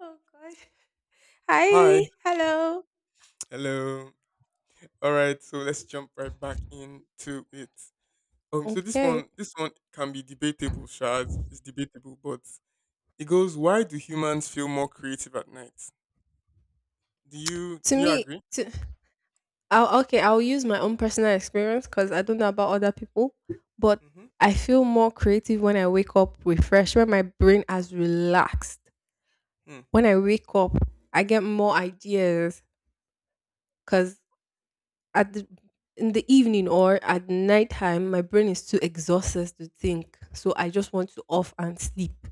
Oh gosh. Hi. Hi. Hello. Hello. All right, so let's jump right back into it. Um, so this Okay. one, this one can be debatable, Shards. It's debatable, but it goes: Why do humans feel more creative at night? Do you To do you me, agree? to I'll use my own personal experience because I don't know about other people, but Mm-hmm. I feel more creative when I wake up refreshed, when my brain has relaxed. Hmm. When I wake up, I get more ideas because at the in the evening or at nighttime, my brain is too exhausted to think, so I just want to off and sleep.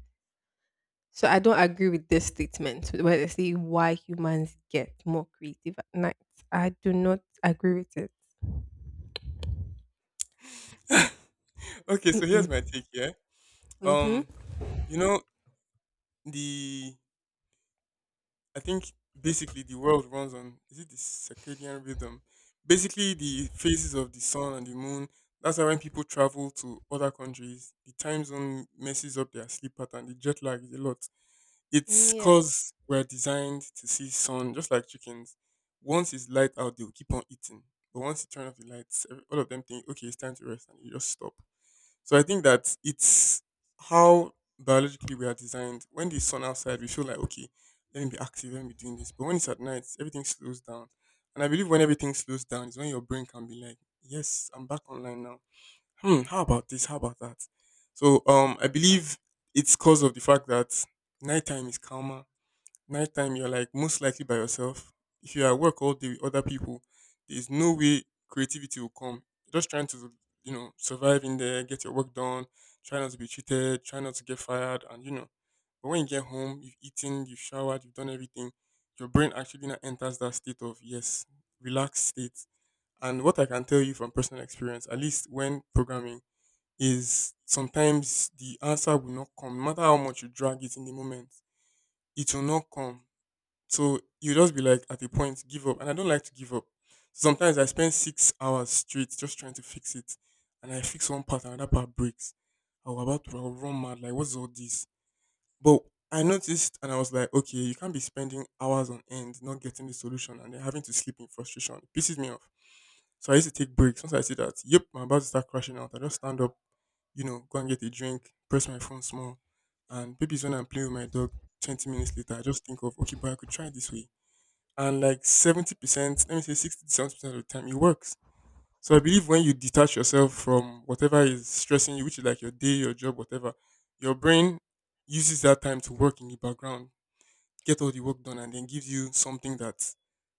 So I don't agree with this statement where they say why humans get more creative at night. I do not agree with it. Okay, so here's Mm-mm. my take. Yeah. Mm-hmm. Um, you know the I think basically the world runs on is it the circadian rhythm? Basically the phases of the sun and the moon. That's why when people travel to other countries, the time zone messes up their sleep pattern. The jet lag is a lot. Mm, It's yes. cause we're designed to see sun just like chickens. Once it's light out, they'll keep on eating. But once you turn off the lights, all of them think, okay, it's time to rest, and you just stop. So I think that it's how biologically we are designed. When the sun outside, we feel like okay, let me be active, let me be doing this. But when it's at night, everything slows down. And I believe when everything slows down is when your brain can be like, yes, I'm back online now. Hmm, how about this? How about that? So I believe it's because of the fact that nighttime is calmer. Nighttime, you're like most likely by yourself. If you're at work all day with other people, there's no way creativity will come. You're just trying to, survive in there, get your work done, try not to be cheated, try not to get fired, and you know. But when you get home, you've eaten, you've showered, you've done everything, your brain actually now enters that state of yes, relaxed state. And what I can tell you from personal experience, at least when programming, is sometimes the answer will not come. No matter how much you drag it in the moment, it will not come, so you just be like at a point give up, and I don't like to give up. Sometimes I spend 6 hours straight just trying to fix it, and I fix one part and another part breaks. I was run mad like what's all this? But I noticed and I was like, okay, you can't be spending hours on end not getting the solution and then having to sleep in frustration. It pisses me off. So I used to take breaks. Once I see that, yep, I'm about to start crashing out. I just stand up, go and get a drink, press my phone small, and maybe it's when I'm playing with my dog. 20 minutes later, I just think of okay, but I could try this way, and like 70%, let me say 60 to 70% of the time, it works. So I believe when you detach yourself from whatever is stressing you, which is like your day, your job, whatever, your brain uses that time to work in the background, get all the work done, and then gives you something that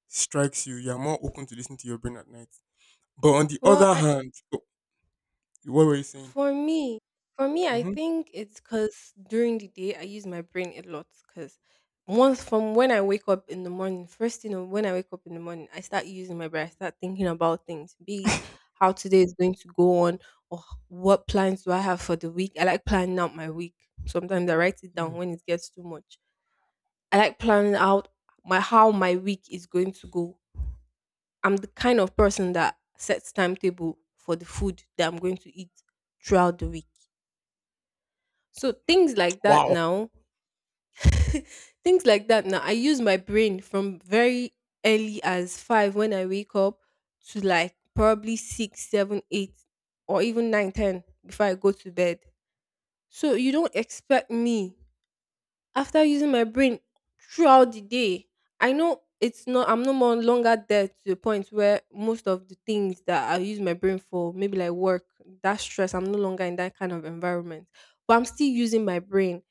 strikes you. You are more open to listen to your brain at night. But on the Well, other I, hand, oh, what were you saying? For me, for me, I think it's because during the day I use my brain a lot. Because once from when I wake up in the morning, first you know when I wake up in the morning, I start using my brain. I start thinking about things, be it how today is going to go on, or what plans do I have for the week. I like planning out my week. Sometimes I write it down Hmm. when it gets too much. I like planning out my how my week is going to go. I'm the kind of person that sets timetable for the food that I'm going to eat throughout the week. So things like that Wow. now, things like that now, I use my brain from very early as five when I wake up to like probably six, seven, eight, or even nine, ten before I go to bed. So you don't expect me after using my brain throughout the day. I know it's not I'm no more longer there to the point where most of the things that I use my brain for, maybe like work, that stress, I'm no longer in that kind of environment. But I'm still using my brain.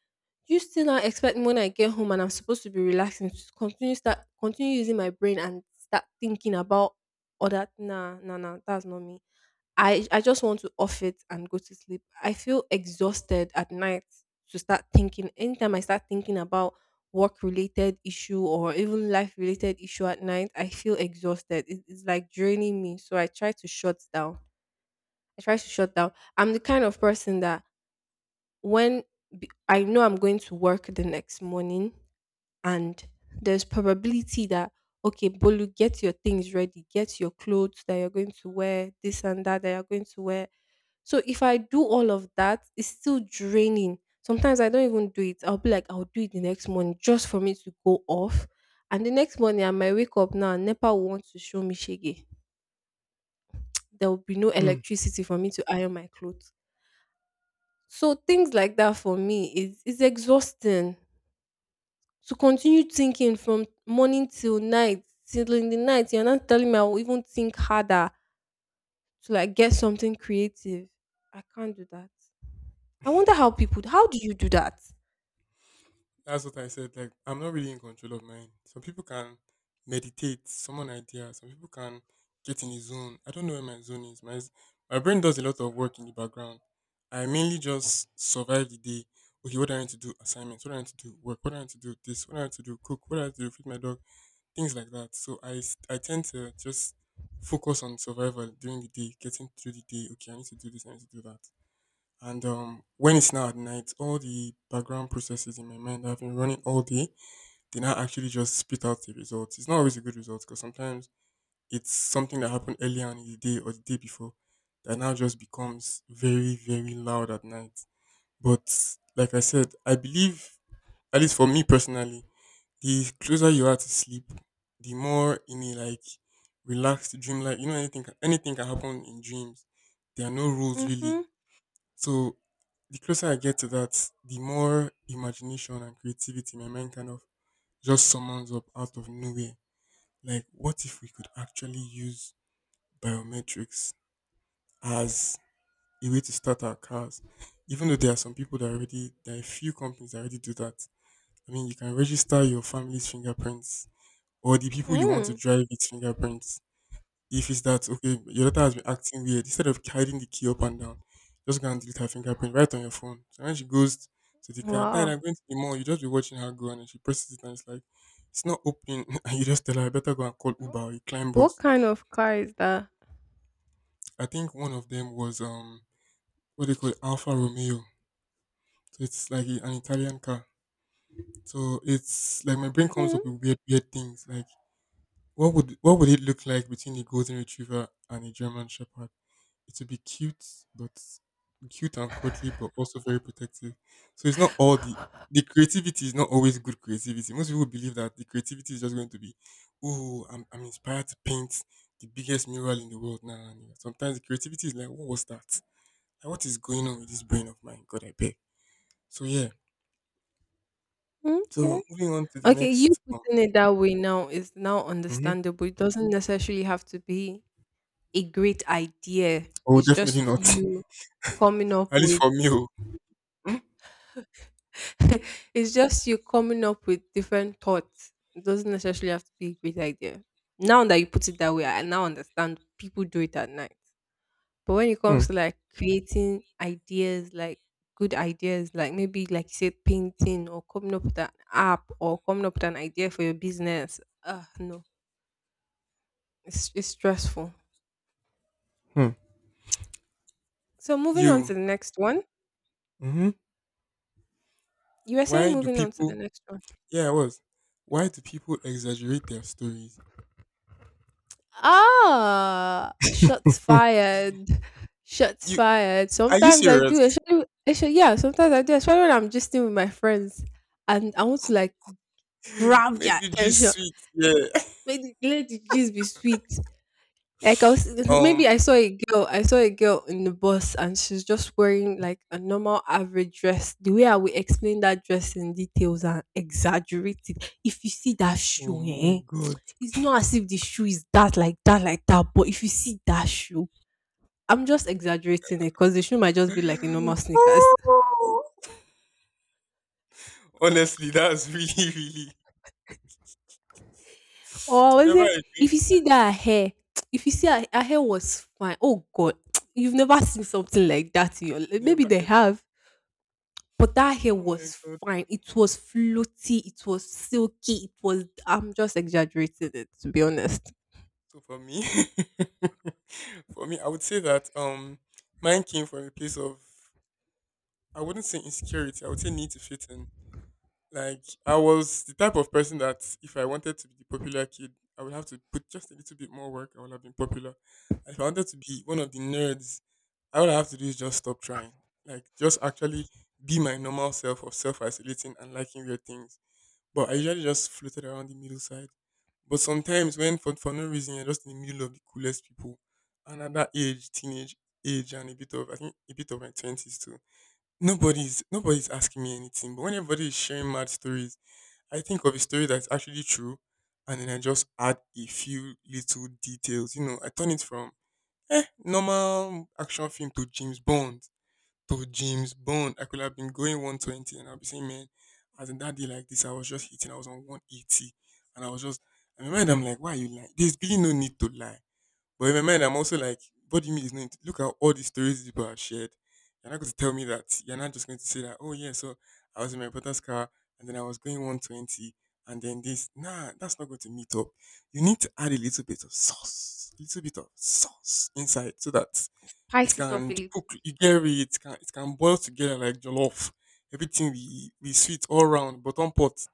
You still not expect me when I get home and I'm supposed to be relaxing to continue start continue using my brain and start thinking about other, nah, nah, nah, that's not me. I just want to off it and go to sleep. I feel exhausted at night to start thinking. Anytime I start thinking about work related issue or even life related issue at night, I feel exhausted. It's like draining me. So I try to shut down. I try to shut down. I'm the kind of person that when I know I'm going to work the next morning, and there's probability that, okay, Bolu, get your things ready, get your clothes that you're going to wear, this and that, that you're going to wear. So if I do all of that, it's still draining. Sometimes I don't even do it. I'll be like, I'll do it the next morning just for me to go off. And the next morning I might wake up now and NEPA will want to show me shege. There will be no electricity for me to iron my clothes. So things like that for me is exhausting. To continue thinking from morning till night, till in the night, you're not telling me I will even think harder to like get something creative. I can't do that. I wonder how people how do you do that? That's what I said. Like, I'm not really in control of mine. Some people can meditate, someone idea. Some people can get in a zone. I don't know where my zone is. My brain does a lot of work in the background. I mainly just survive the day. Okay, what do I need to do? Assignments. What do I need to do? Work. What do I need to do? This. What do I need to do? Cook. What do I need to do? Feed my dog. Things like that. So I tend to just focus on survival during the day, getting through the day. Okay, I need to do this. I need to do that. And when it's now at night, all the background processes in my mind that have been running all day, they now actually just spit out the results. It's not always a good result because sometimes it's something that happened earlier on in the day or the day before that now just becomes very, very loud at night. But like I said, I believe, at least for me personally, the closer you are to sleep, the more in a like relaxed dreamlike, you know, anything, anything can happen in dreams. There are no rules really, Mm-hmm. so the closer I get to that, the more imagination and creativity my mind kind of just summons up out of nowhere. Like, what if we could actually use biometrics as a way to start our cars? Even though there are some people that already, there are a few companies that already do that. I mean, you can register your family's fingerprints or the people you want to Mm. drive with fingerprints. If it's that okay, your daughter has been acting weird, instead of hiding the key up and down, just go and delete her fingerprint right on your phone. So when she goes to the car, Dad, Wow. I'm going to the mall. You just be watching her go, and then she presses it, and it's like it's not opening. And you just tell her, I better go and call Uber or a climb What bus. kind of car is that? I think one of them was what they call it, Alfa Romeo. So it's like an Italian car. So it's like my brain comes Mm, up with weird, weird things. Like what would it look like between a golden retriever and a German shepherd? It will be cute, but cute and cuddly, but also very protective. So it's not all the creativity is not always good creativity. Most people believe that the creativity is just going to be, oh, I'm inspired to paint the biggest mural in the world now. Sometimes the creativity is like, what was that? Like, what is going on with this brain of mine? God, I beg. So yeah. So okay. moving on to the Okay, you next. Oh. putting it that way now is now Mhm. understandable. It doesn't necessarily have to be a great idea. Oh, It's definitely just not. you coming up At least with for me. Oh. It's just you coming up with different thoughts. It doesn't necessarily have to be a great idea. Now that you put it that way, I now understand people do it at night. But when it Hmm. comes to like creating ideas, like good ideas, like maybe like you said, painting or coming up with an app or coming up with an idea for your business, no. It's stressful. Hmm. So moving on You. to the next one. hmm You were saying Why do moving on to the people next one. Yeah, I was. Why do people exaggerate their stories? Ah, shots Hmm. fired. Shots you fired. Are you Sometimes I do, serious? actually, yeah, sometimes I do, especially when I'm just still with my friends and I want to like grab Make their the juice attention. sweet. Yeah. Make the, let the gist be sweet. Like I was, Um. maybe I saw a girl in the bus and she's just wearing like a normal average dress. The way I will explain that dress in details and exaggerate it. If you see that Oh shoe, my eh? god. It's not as if the shoe is that like that like that, but if you see that shoe, I'm just exaggerating it because the shoe might just be like a normal sneakers. Oh. Honestly, that's really, really Or was never it, again. if you see that hair, if you see her, her hair was fine, oh god, you've never seen something like that in your life, maybe Never they ever. have, but that hair Oh my was god. fine. It was floaty, it was silky, it was, I'm just exaggerating it, to be honest. So for me, for me, I would say that mine came from a place of I wouldn't say insecurity. I would say need to fit in. Like I was the type of person that if I wanted to be the popular kid, I would have to put just a little bit more work. I would have been popular. And if I wanted to be one of the nerds, all I have to do is just stop trying. Like just actually be my normal self of self isolating and liking weird things. But I usually just floated around the middle side. But sometimes when for no reason you're just in the middle of the coolest people, and at that age, teenage age and a bit of my twenties too. Nobody's asking me anything. But when everybody is sharing mad stories, I think of a story that's actually true, and then I just add a few little details. You know, I turn it from normal action film to James Bond. I could have been going 120, and I'll be saying, man, as in that day like this, I was just hitting. I was on 180, and I was just. I remember I'm like, why are you lying? There's really no need to lie. But in my mind, I'm also like, what do you mean it's not? Look at all these stories these people have shared. You're not going to tell me that. You're not just going to say that, oh, yeah, so I was in my brother's car and then I was going 120 and then this. Nah, that's not going to meet up. You need to add a little bit of sauce, a little bit of sauce inside so that it Spice it up can a cook. You get it, it can boil together like jollof. Everything be sweet all round, bottom pot.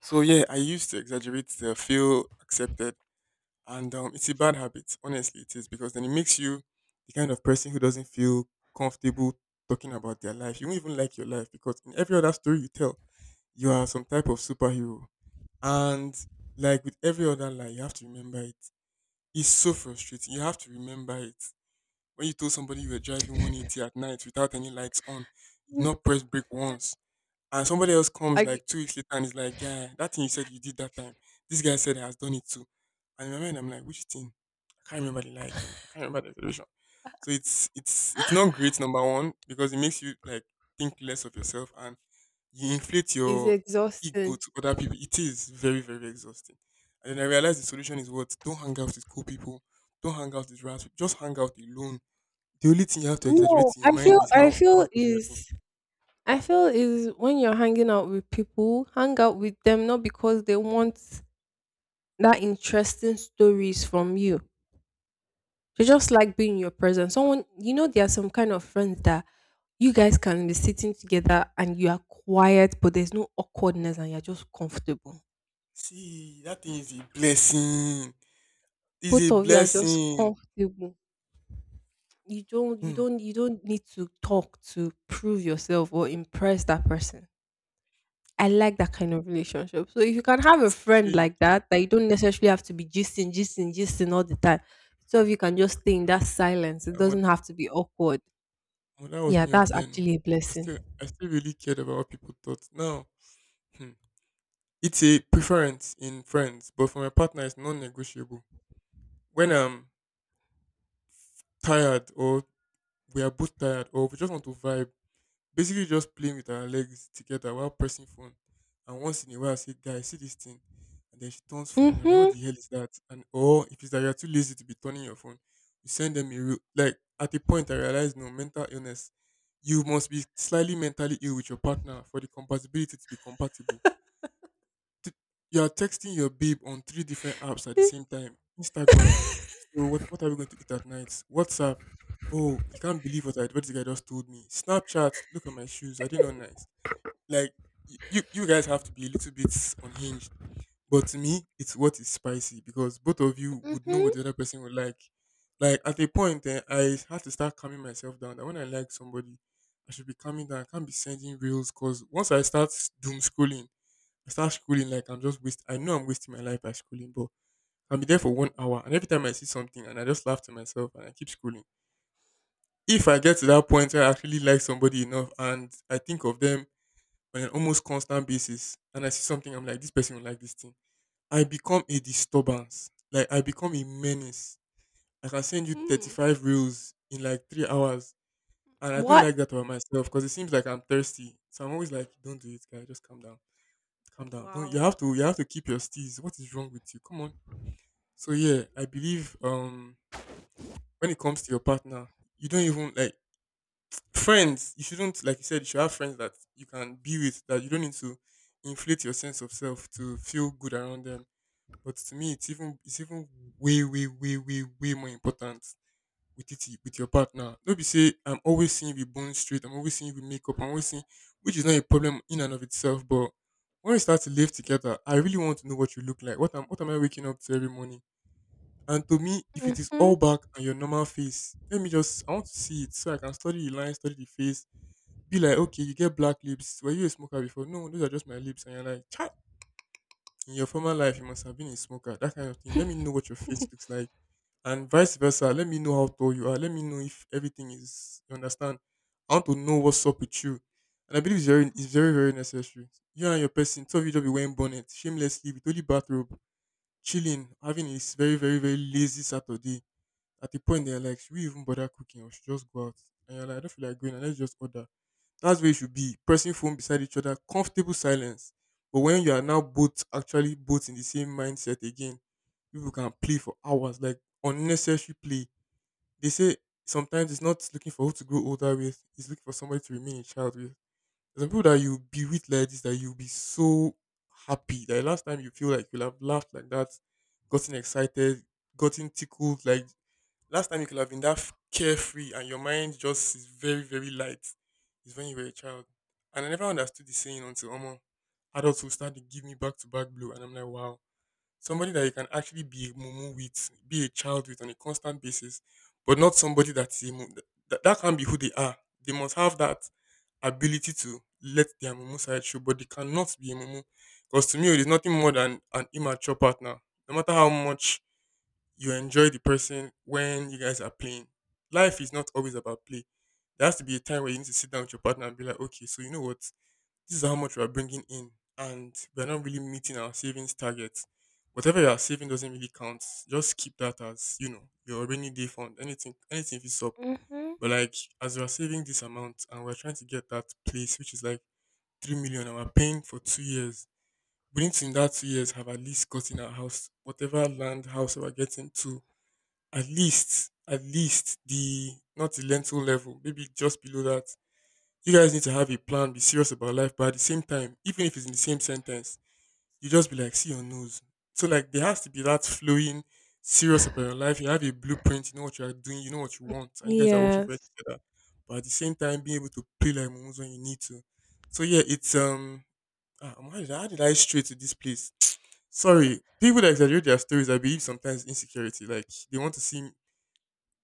So yeah, I used to exaggerate to feel accepted, and it's a bad habit, honestly, it is, because then it makes you the kind of person who doesn't feel comfortable talking about their life. You won't even like your life because in every other story you tell, you are some type of superhero. And like with every other lie, you have to remember it. It's so frustrating. You have to remember it. When you told somebody you were driving 180 at night without any lights on, you've little. not pressed brake once and somebody else comes I, like 2 weeks later and is like, "Yeah, that thing you said you did that time, this guy said he has done it too." And in my mind, I'm like, "Which thing? I can't remember the lie again. I can't remember the solution." So it's not great number one because it makes you like think less of yourself and you inflate it's your ego exhausting. to other people. It is very very exhausting. And then I realized the solution is what, don't hang out with cool people, don't hang out with rats, just hang out alone. The only thing you have to No, exaggerate in your I feel mind is I how feel good you are doing. is I feel is when you're hanging out with people, hang out with them not because they want that interesting stories from you. They just like being in your presence. Someone you know there are some kind of friends that you guys can be sitting together and you are quiet, but there's no awkwardness and you're just comfortable. See, that thing is a blessing. It's a Both of you are just blessing. comfortable. You don't you Mm. don't you don't need to talk to prove yourself or impress that person. I like that kind of relationship. So if you can have a Sure friend you like get. that, that you don't necessarily Mm. have to be gisting, gisting, gisting all the time. So if you can just stay in that silence, it And when, doesn't have to be awkward. when that was Yeah, me of that's then, oh, actually a I still blessing. I still really cared about what people thought. Now, hmm, it's a preference in friends, but for my partner, it's non-negotiable. When I'm tired, or we are both tired, or we just want to vibe, basically just playing with our legs together while pressing phone. And once in a while, I say, "Guy, see this thing," and then she turns phone, and I'm like, "What Mhm. the hell is that?" And or if it's that you're too lazy to be turning your phone, you send them a real like. At a point, I realized no mental illness. You must be slightly mentally ill with your partner for the compatibility to be compatible t- you are texting your babe on three different apps at the same time. Instagram. So what are we going to eat at night? WhatsApp. Oh, you can't believe what this guy just told me. Snapchat. Look at my shoes. Are they not nice? Like you guys have to be a little bit unhinged. But to me, it's what is spicy because both of you would know what Mhm. the other person would like. Like at a point, I had to start calming myself down. That when I like somebody, I should be calming down. I can't be sending reels because once I start doom scrolling, I start scrolling like I'm just waste. I know I'm wasting my life by scrolling, but I'll be there for 1 hour, and every time I see something, and I just laugh to myself, and I keep scrolling. If I get to that point where I actually like somebody enough, and I think of them on an almost constant basis, and I see something, I'm like, this person will like this thing. I become a disturbance. Like I become a menace. I can send you Mm. 35 reels in like 3 hours, and I don't What? like that about myself because it seems like I'm thirsty. So I'm always like, don't do it, guy. Just calm down. Calm down. Don't you Wow. have to you have to keep your steez. What is wrong with you? Come on. So yeah, I believe when it comes to your partner, you don't even like friends, you shouldn't, like you said, you should have friends that you can be with that you don't need to inflate your sense of self to feel good around them. But to me it's even way, way, way, way, way more important with your partner. Don't be say I'm always seeing you with bone straight, I'm always seeing you with makeup, I'm always seeing, which is not a problem in and of itself, but when we start to live together, I really want to know what you look like. What am I waking up to every morning? And to me, if it is all Mhm. back and your normal face, let me just I want to see it so I can study the line, study the face, be like, okay, you get black lips. Were you a smoker before? No, those are just my lips. And you're like, "Chai, in your former life you must have been a smoker," that kind of thing. Let me know what your face looks like. And vice versa, let me know how tall you are. Let me know if everything is, you understand. I want to know what's up with you. And I believe it's very, very necessary. You and your person, two of you just be wearing bonnet, shamelessly with only bathrobe, chilling, having a very, very, very lazy Saturday at the point they're like, should we even bother cooking or should just go out? And you're like, I don't feel like going, and let's just order. That's where you should be, pressing phone beside each other, comfortable silence. But when you are now both actually both in the same mindset again, people can play for hours, like unnecessary play. They say sometimes it's not looking for who to grow older with, it's looking for somebody to remain a child with. There's some people that you be with like this that you'll be so happy. Like last time you feel like you'll have laughed like that, gotten excited, gotten tickled, like, last time you could have been that carefree and your mind just is very, very light is when you were a child. And I never understood the saying until almost adults will start to give me back to back blow. And I'm like, wow, somebody that you can actually be a mumu with, be a child with on a constant basis, but not somebody that can't be who they are. They must have that ability to let their mumu side show, but they cannot be a mumu. Because to me, it is nothing more than an immature partner. No matter how much you enjoy the person when you guys are playing. Life is not always about play. There has to be a time where you need to sit down with your partner and be like, okay, so you know what? This is how much we are bringing in, and we're not really meeting our savings targets. Whatever you are saving doesn't really count. Just keep that as, you know, your rainy day fund. Anything, anything is up. Mhm. But like as we are saving this amount and we're trying to get that place, which is like 3 million, and we're paying for 2 years. We need to in that 2 years have at least gotten our house, whatever land house we're getting to, at least the not the lentil level, maybe just below that. You guys need to have a plan, be serious about life, but at the same time, even if it's in the same sentence, you just be like, see your nose. So like there has to be that flowing, serious about your life. You have a blueprint, you know what you are doing, you know what you want, and you guys are working for it Yes. together. But at the same time, being able to play like momos when you need to. So yeah, it's how did I stray to this place? Sorry, people that exaggerate their stories, I believe sometimes insecurity. Like they want to seem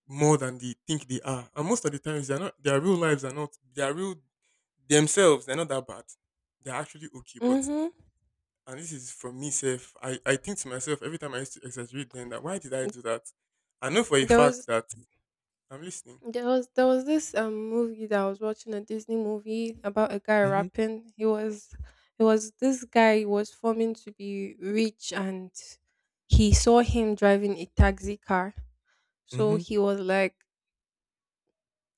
more than they think they are. And most of the times they're not their real lives are not their real themselves, they're not that bad. They're actually okay. But Mhm. and this is from me self. I think to myself every time I used to exaggerate then, that why did I do that? I know for a There fact was that. I'm listening. there was this movie that I was watching, a Disney movie about a guy Mm-hmm. rapping. He was it was this guy was forming to be rich and he saw him driving a taxi car. So Mm-hmm. he was like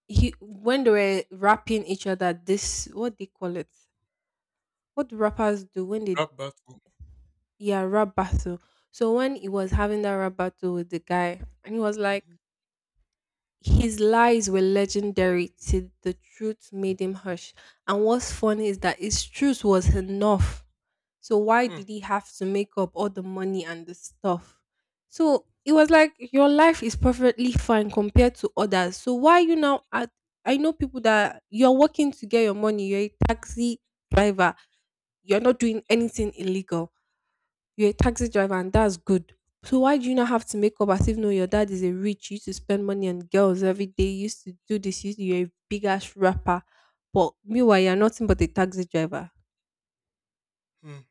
he when they were rapping each other, this what they call it. What do rappers do when they, Rap battle. yeah, rap battle. So when he was having that rap battle with the guy and he was like, Mm-hmm. his lies were legendary till the truth made him hush. And what's funny is that his truth was enough. So why Mm, did he have to make up all the money and the stuff? So it was like your life is perfectly fine compared to others. So why you now at I know people that you're working to get your money, you're a taxi driver, you're not doing anything illegal, you're a taxi driver and that's good. So why do you not have to make up as if no your dad is a rich, you used to spend money on girls every day, you used to do this, you used to, you're a big ass rapper. But meanwhile you're nothing but a taxi driver. mm.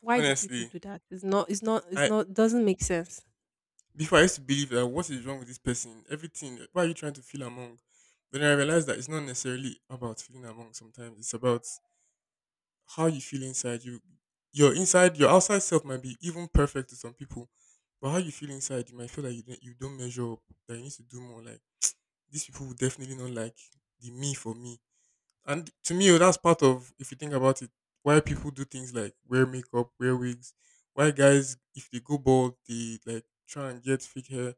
Why do people Honestly, do that? It's not it's not it's I not doesn't make sense. before, I used to believe that what is wrong with this person, everything. Why are you trying to feel among? But then I realized that it's not necessarily about feeling among. Sometimes it's about how you feel inside you, your outside self might be even perfect to some people, but how you feel inside you might feel like you don't measure up, that you need to do more, like these people will definitely not like the me for me. And to me, oh, that's part of, if you think about it, why people do things like wear makeup, wear wigs, why guys if they go bald they like try and get fake hair,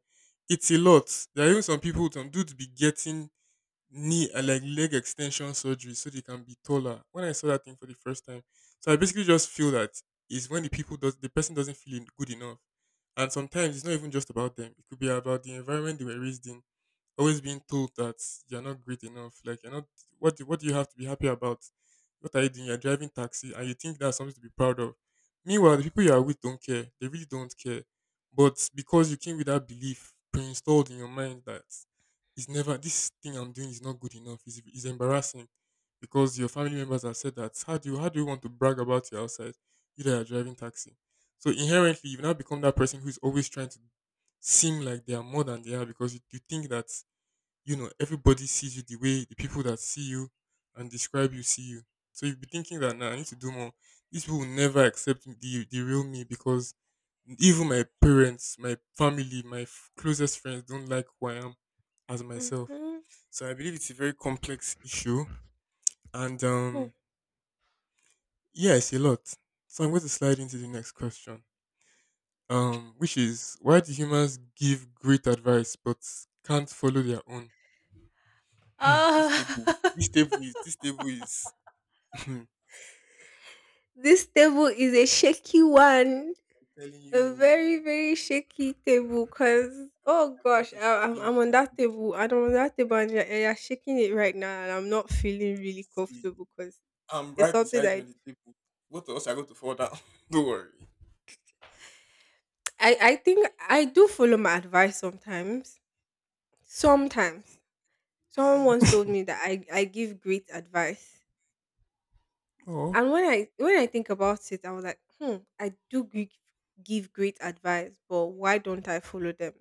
it's a lot. There are even some people, some dudes be getting knee, like leg extension surgery so they can be taller. When I saw that thing for the first time, so I basically just feel that is when the people does the person doesn't feel good enough, and sometimes it's not even just about them. It could be about the environment they were raised in, always being told that you're not great enough. Like you're not, what do you have to be happy about? What are you doing? You're driving taxi and you think that's something to be proud of. Meanwhile, the people you are with don't care. They really don't care. But because you came with that belief pre-installed in your mind that it's never this thing I'm doing is not good enough. It's embarrassing because your family members have said that. How do you want to brag about your outside? You that are driving taxi. So inherently, you now become that person who is always trying to seem like they are more than they are because you think that you know, everybody sees you the way the people that see you and describe you see you. So you'll be thinking that now nah, I need to do more. These people will never accept the real me because even my parents, my family, my closest friends don't like who I am as myself. Mm-hmm. So I believe it's a very complex issue, and yeah, it's a lot. So I'm going to slide into the next question, which is why do humans give great advice but can't follow their own? This table, Ah, this table is, this table is. I'm this table is a shaky one. telling A you, very, very shaky table, cause oh there are quite gosh, a I few I'm things I'm on on this that table. table. I'm on that table and you're shaking it right now and I'm not feeling really See, comfortable, cause I'm it's right something beside you that on the table. Both of us are going to fall down. Don't worry. I think I do follow my advice sometimes. Sometimes. Someone once told me that I give great advice. Oh, And when I think about it, I was like, "Hmm, I do give great advice, but why don't I follow them?"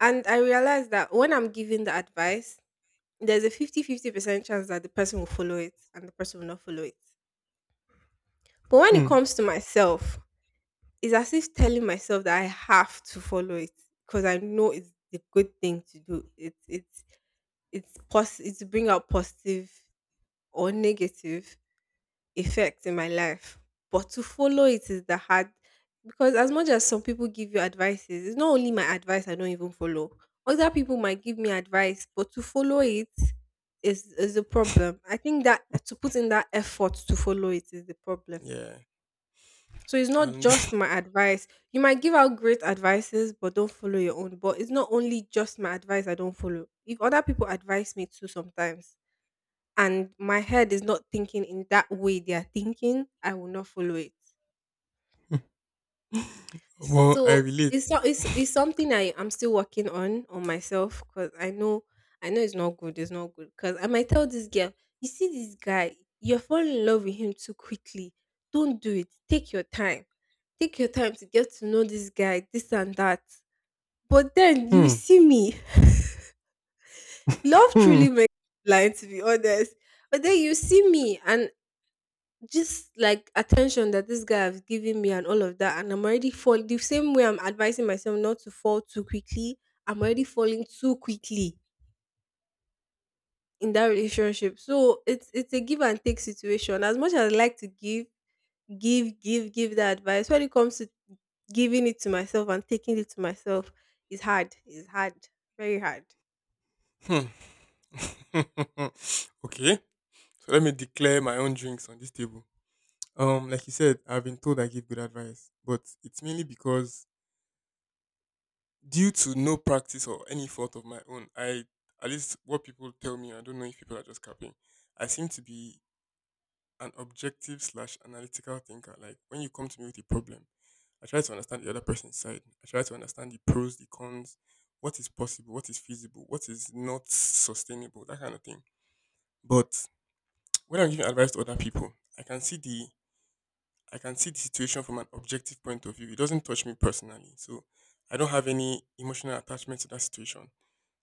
And I realized that when I'm giving the advice, there's a 50/50% chance that the person will follow it and the person will not follow it. But when it hmm. comes to myself, it's as if telling myself that I have to follow it because I know it's the good thing to do. It's bring out positive or negative effect in my life. But to follow it is the hard because as much as some people give you advices, it's not only my advice I don't even follow. Other people might give me advice, but to follow it is a problem. I think that to put in that effort to follow it is the problem. Yeah. So it's not And just my advice. You might give out great advices, but don't follow your own. But it's not only just my advice I don't follow. If other people advise me too sometimes, and my head is not thinking in that way they are thinking, I will not follow it. well, I So relate. it's not it's, it's something I'm still working on myself because I know it's not good. It's not good because I might tell this girl, you see this guy, you're falling in love with him too quickly. Don't do it. Take your time. Take your time to get to know this guy, this and that. But then you Hmm. see me. Love Hmm. truly makes me blind, to be honest. But then you see me, and just like attention that this guy has given me and all of that, and I'm already fall the same way I'm advising myself not to fall too quickly. I'm already falling too quickly in that relationship. So it's a give and take situation. As much as I like to give, give, give, give that advice, when it comes to giving it to myself and taking it to myself, it's hard. It's hard. Very hard. Hmm. Okay. So let me declare my own drinks on this table. Like you said, I've been told I give good advice, but it's mainly because due to no practice or any fault of my own, I at least what people tell me, I don't know if people are just capping. I seem to be an objective slash analytical thinker. Like when you come to me with a problem, I try to understand the other person's side. I try to understand the pros, the cons, what is possible, what is feasible, what is not sustainable, that kind of thing. But when I'm giving advice to other people, I can see the I can see the situation from an objective point of view. It doesn't touch me personally. So I don't have any emotional attachment to that situation.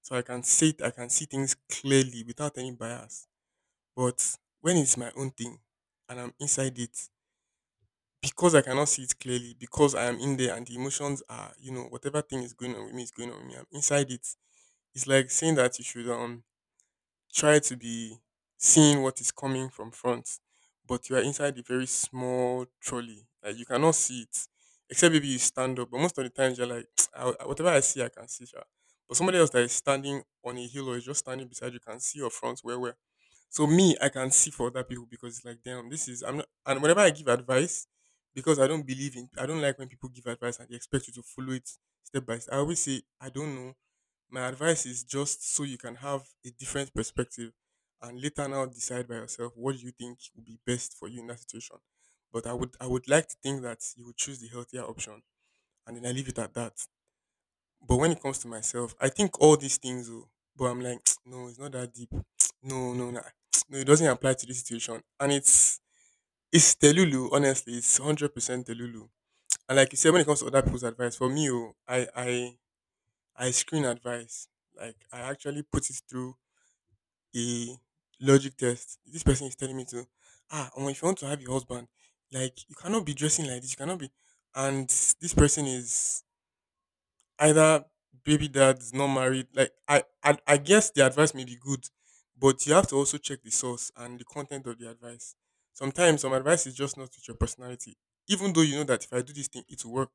So I can see things clearly without any bias. But when it's my own thing and I'm inside it, because I cannot see it clearly, because I am in there and the emotions are, you know, whatever thing is going on with me is going on with me. I'm inside it. It's like saying that you should try to be seeing what is coming from front, but you are inside a very small trolley. Like you cannot see it, except maybe you stand up. But most of the times you're like, "Ah, whatever I see, I can see. Sha." But somebody else that is standing on a hill or is just standing beside you can see your front where. So me, I can see for other people because it's like, damn, this is I'm not. And whenever I give advice, because I don't believe in, I don't like when people give advice and they expect you to follow it step by step. I always say, I don't know. My advice is just so you can have a different perspective and later now decide by yourself what you think would be best for you in that situation. But I would like to think that you would choose the healthier option and then I leave it at that. But when it comes to myself, I think all these things. Oh, but I'm like, no, it's not that deep. No, no, no. No, it doesn't apply to this situation. And it's Telulu, honestly, it's 100% Telulu. And like you said, when it comes to other people's advice, for me, oh, I screen advice. Like I actually put it through a logic test. This person is telling me to, ah, well, if you want to have your husband, like you cannot be dressing like this. You cannot be. And this person is either baby dad's not married. Like I guess the advice may be good, but you have to also check the source and the content of the advice. Sometimes some advice is just not with your personality, even though you know that if I do this thing, it will work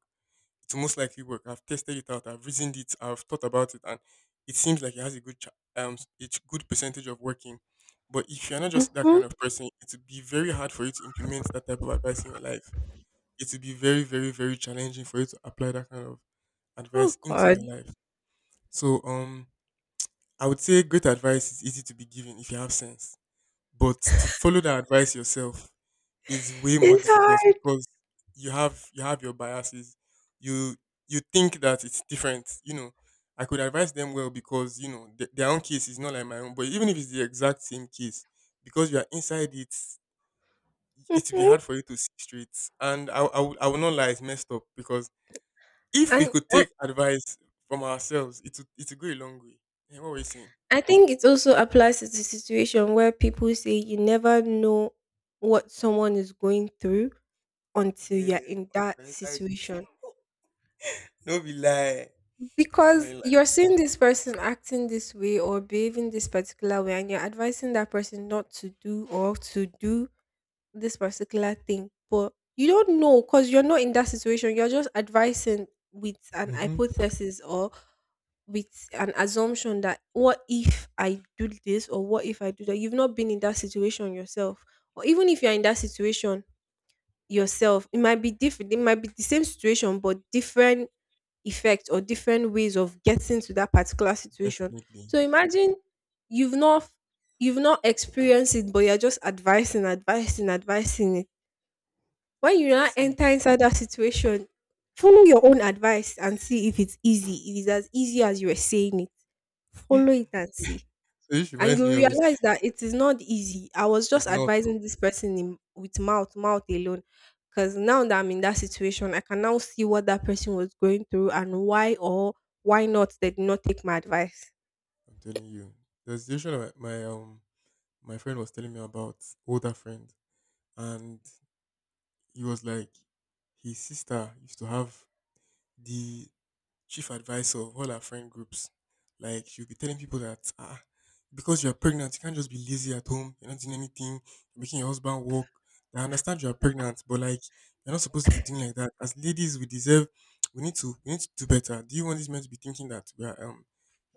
to most likely work. I've tested it out. I've reasoned it. I've thought about it, and it seems like it has a it's good percentage of working. But if you're not just that Mm-hmm. kind of person, it would be very hard for you to implement that type of advice in your life. It would be very, very, very challenging for you to apply that kind of Oh advice into God, your life. So I would say great advice is easy to be given if you have sense. But to follow that advice yourself is way more it's difficult hard. because you have your biases. You you think that it's different. You know, I could advise them well because you know their own case is not like my own. But even if it's the exact same case, because you are inside it, it will be hard Mm-hmm. for you to see straight. And I would not lie, it's messed up because if we And could take advice from ourselves, it would go a long way. Yeah, what were you saying? I think it also applies to the situation where people say you never know what someone is going through until Yeah, you're in we're that inside it. situation. No be lie. It's not a Because lie. you're seeing this person acting this way or behaving this particular way, and you're advising that person not to do or to do this particular thing. But you don't know because you're not in that situation. You're just advising with an Mm-hmm. hypothesis or with an assumption that what if I do this or what if I do that? You've not been in that situation yourself. Or even if you're in that situation yourself, it might be different. It might be the same situation, but different effects or different ways of getting to that particular situation. Definitely. So imagine you've not you've not experienced it, but you're just advising, advising, advising it. When you now See, enter inside that situation, follow your own advice and see if it's easy. It is as easy as you were saying it. so Follow it and see. this And reminds you me of it. realize that it is not easy. I was It's just not. Oh, advising this person in, with mouth, mouth alone. Because now that I'm in that situation, I can now see what that person was going through and why or why not they did not take my advice. I'm telling you. The situation that my my friend was telling me about older friend, and he was like, his sister used to have the chief advisor of all her friend groups. Like she'll be telling people that ah, because you're pregnant, you can't just be lazy at home. You're not doing anything. You're making your husband work. I understand you're pregnant, but like you're not supposed to be doing like that. As ladies, we deserve. We need to. We need to do better. Do you want these men to be thinking that we are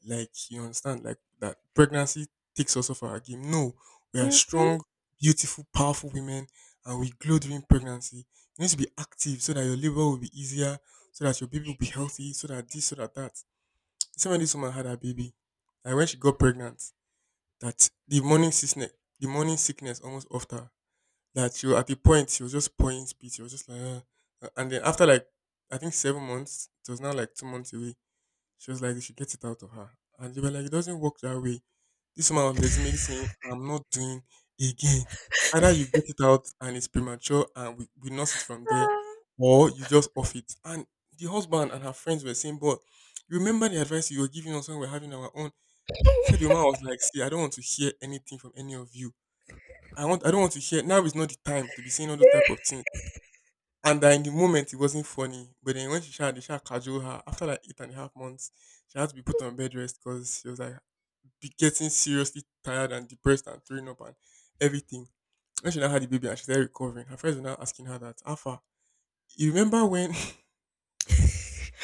like you understand, like that pregnancy takes us off our game? No, we are Hmm. strong, beautiful, powerful women, and we glow during pregnancy. You need to be active so that your labor will be easier so that your baby will be healthy, so that this, so that that. The same when this woman had her baby, and when she got pregnant, that the morning sickness almost off her. That she was at the point she was just pouring speech. She was just like, "Ah," and then after like I think 7 months, it was now like 2 months away. She was like, they should get it out of her. And they were like, it doesn't work that way. This woman was legitimately saying, I'm not doing again. Either you get it out and it's premature and we nurse it from there, or you just off it. And the husband and her friends were saying, but you remember the advice you were giving us when we are having our own? Said the woman was like, see, I don't want to hear anything from any of you. I don't want to hear now is not the time to be saying all those type of things. And that in the moment it wasn't funny, but then when she tried, they tried to cajole her after like 8.5 months, she had to be put on bed rest because she was like be getting seriously tired and depressed and throwing up and everything. When she now had the baby and she's still recovering, her friends were now asking her that, Alpha, you remember when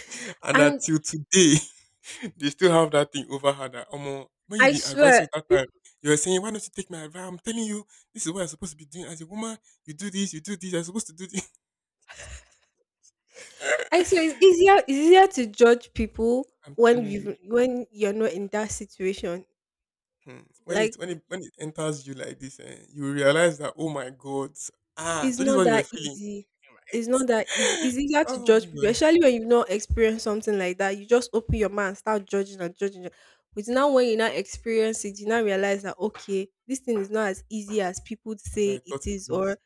and that And till today they still have that thing over her that almost when you I did advise us swear, that peop- time, you were saying, why don't you take my advice? I'm telling you, this is what you're supposed to be doing as a woman. You do this, you're supposed to do this. I swear, it's easier to judge people I'm when telling you. you're not in that situation. Hmm. When it Like, when it when it enters you like this, eh, you will realize that oh my god, ah, it's so this is not what you were that feeling, easy. It's not that easy. right? It's easier to Oh judge my people, god, especially when you've not experienced something like that. You just open your mind and start judging and judging. But now, when you now experience it, you now realize that okay, this thing is not as easy as people as I say it thought it is, was, or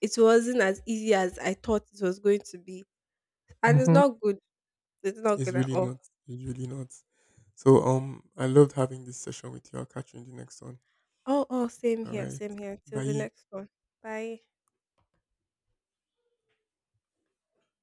it wasn't as easy as I thought it was going to be, and it's hmm not good. It's not it's good at really all. not. It's really not. So I loved having this session with you. I'll catch you in the next one. Oh, oh, same All here, right, same here. Till the bye. next one. Bye.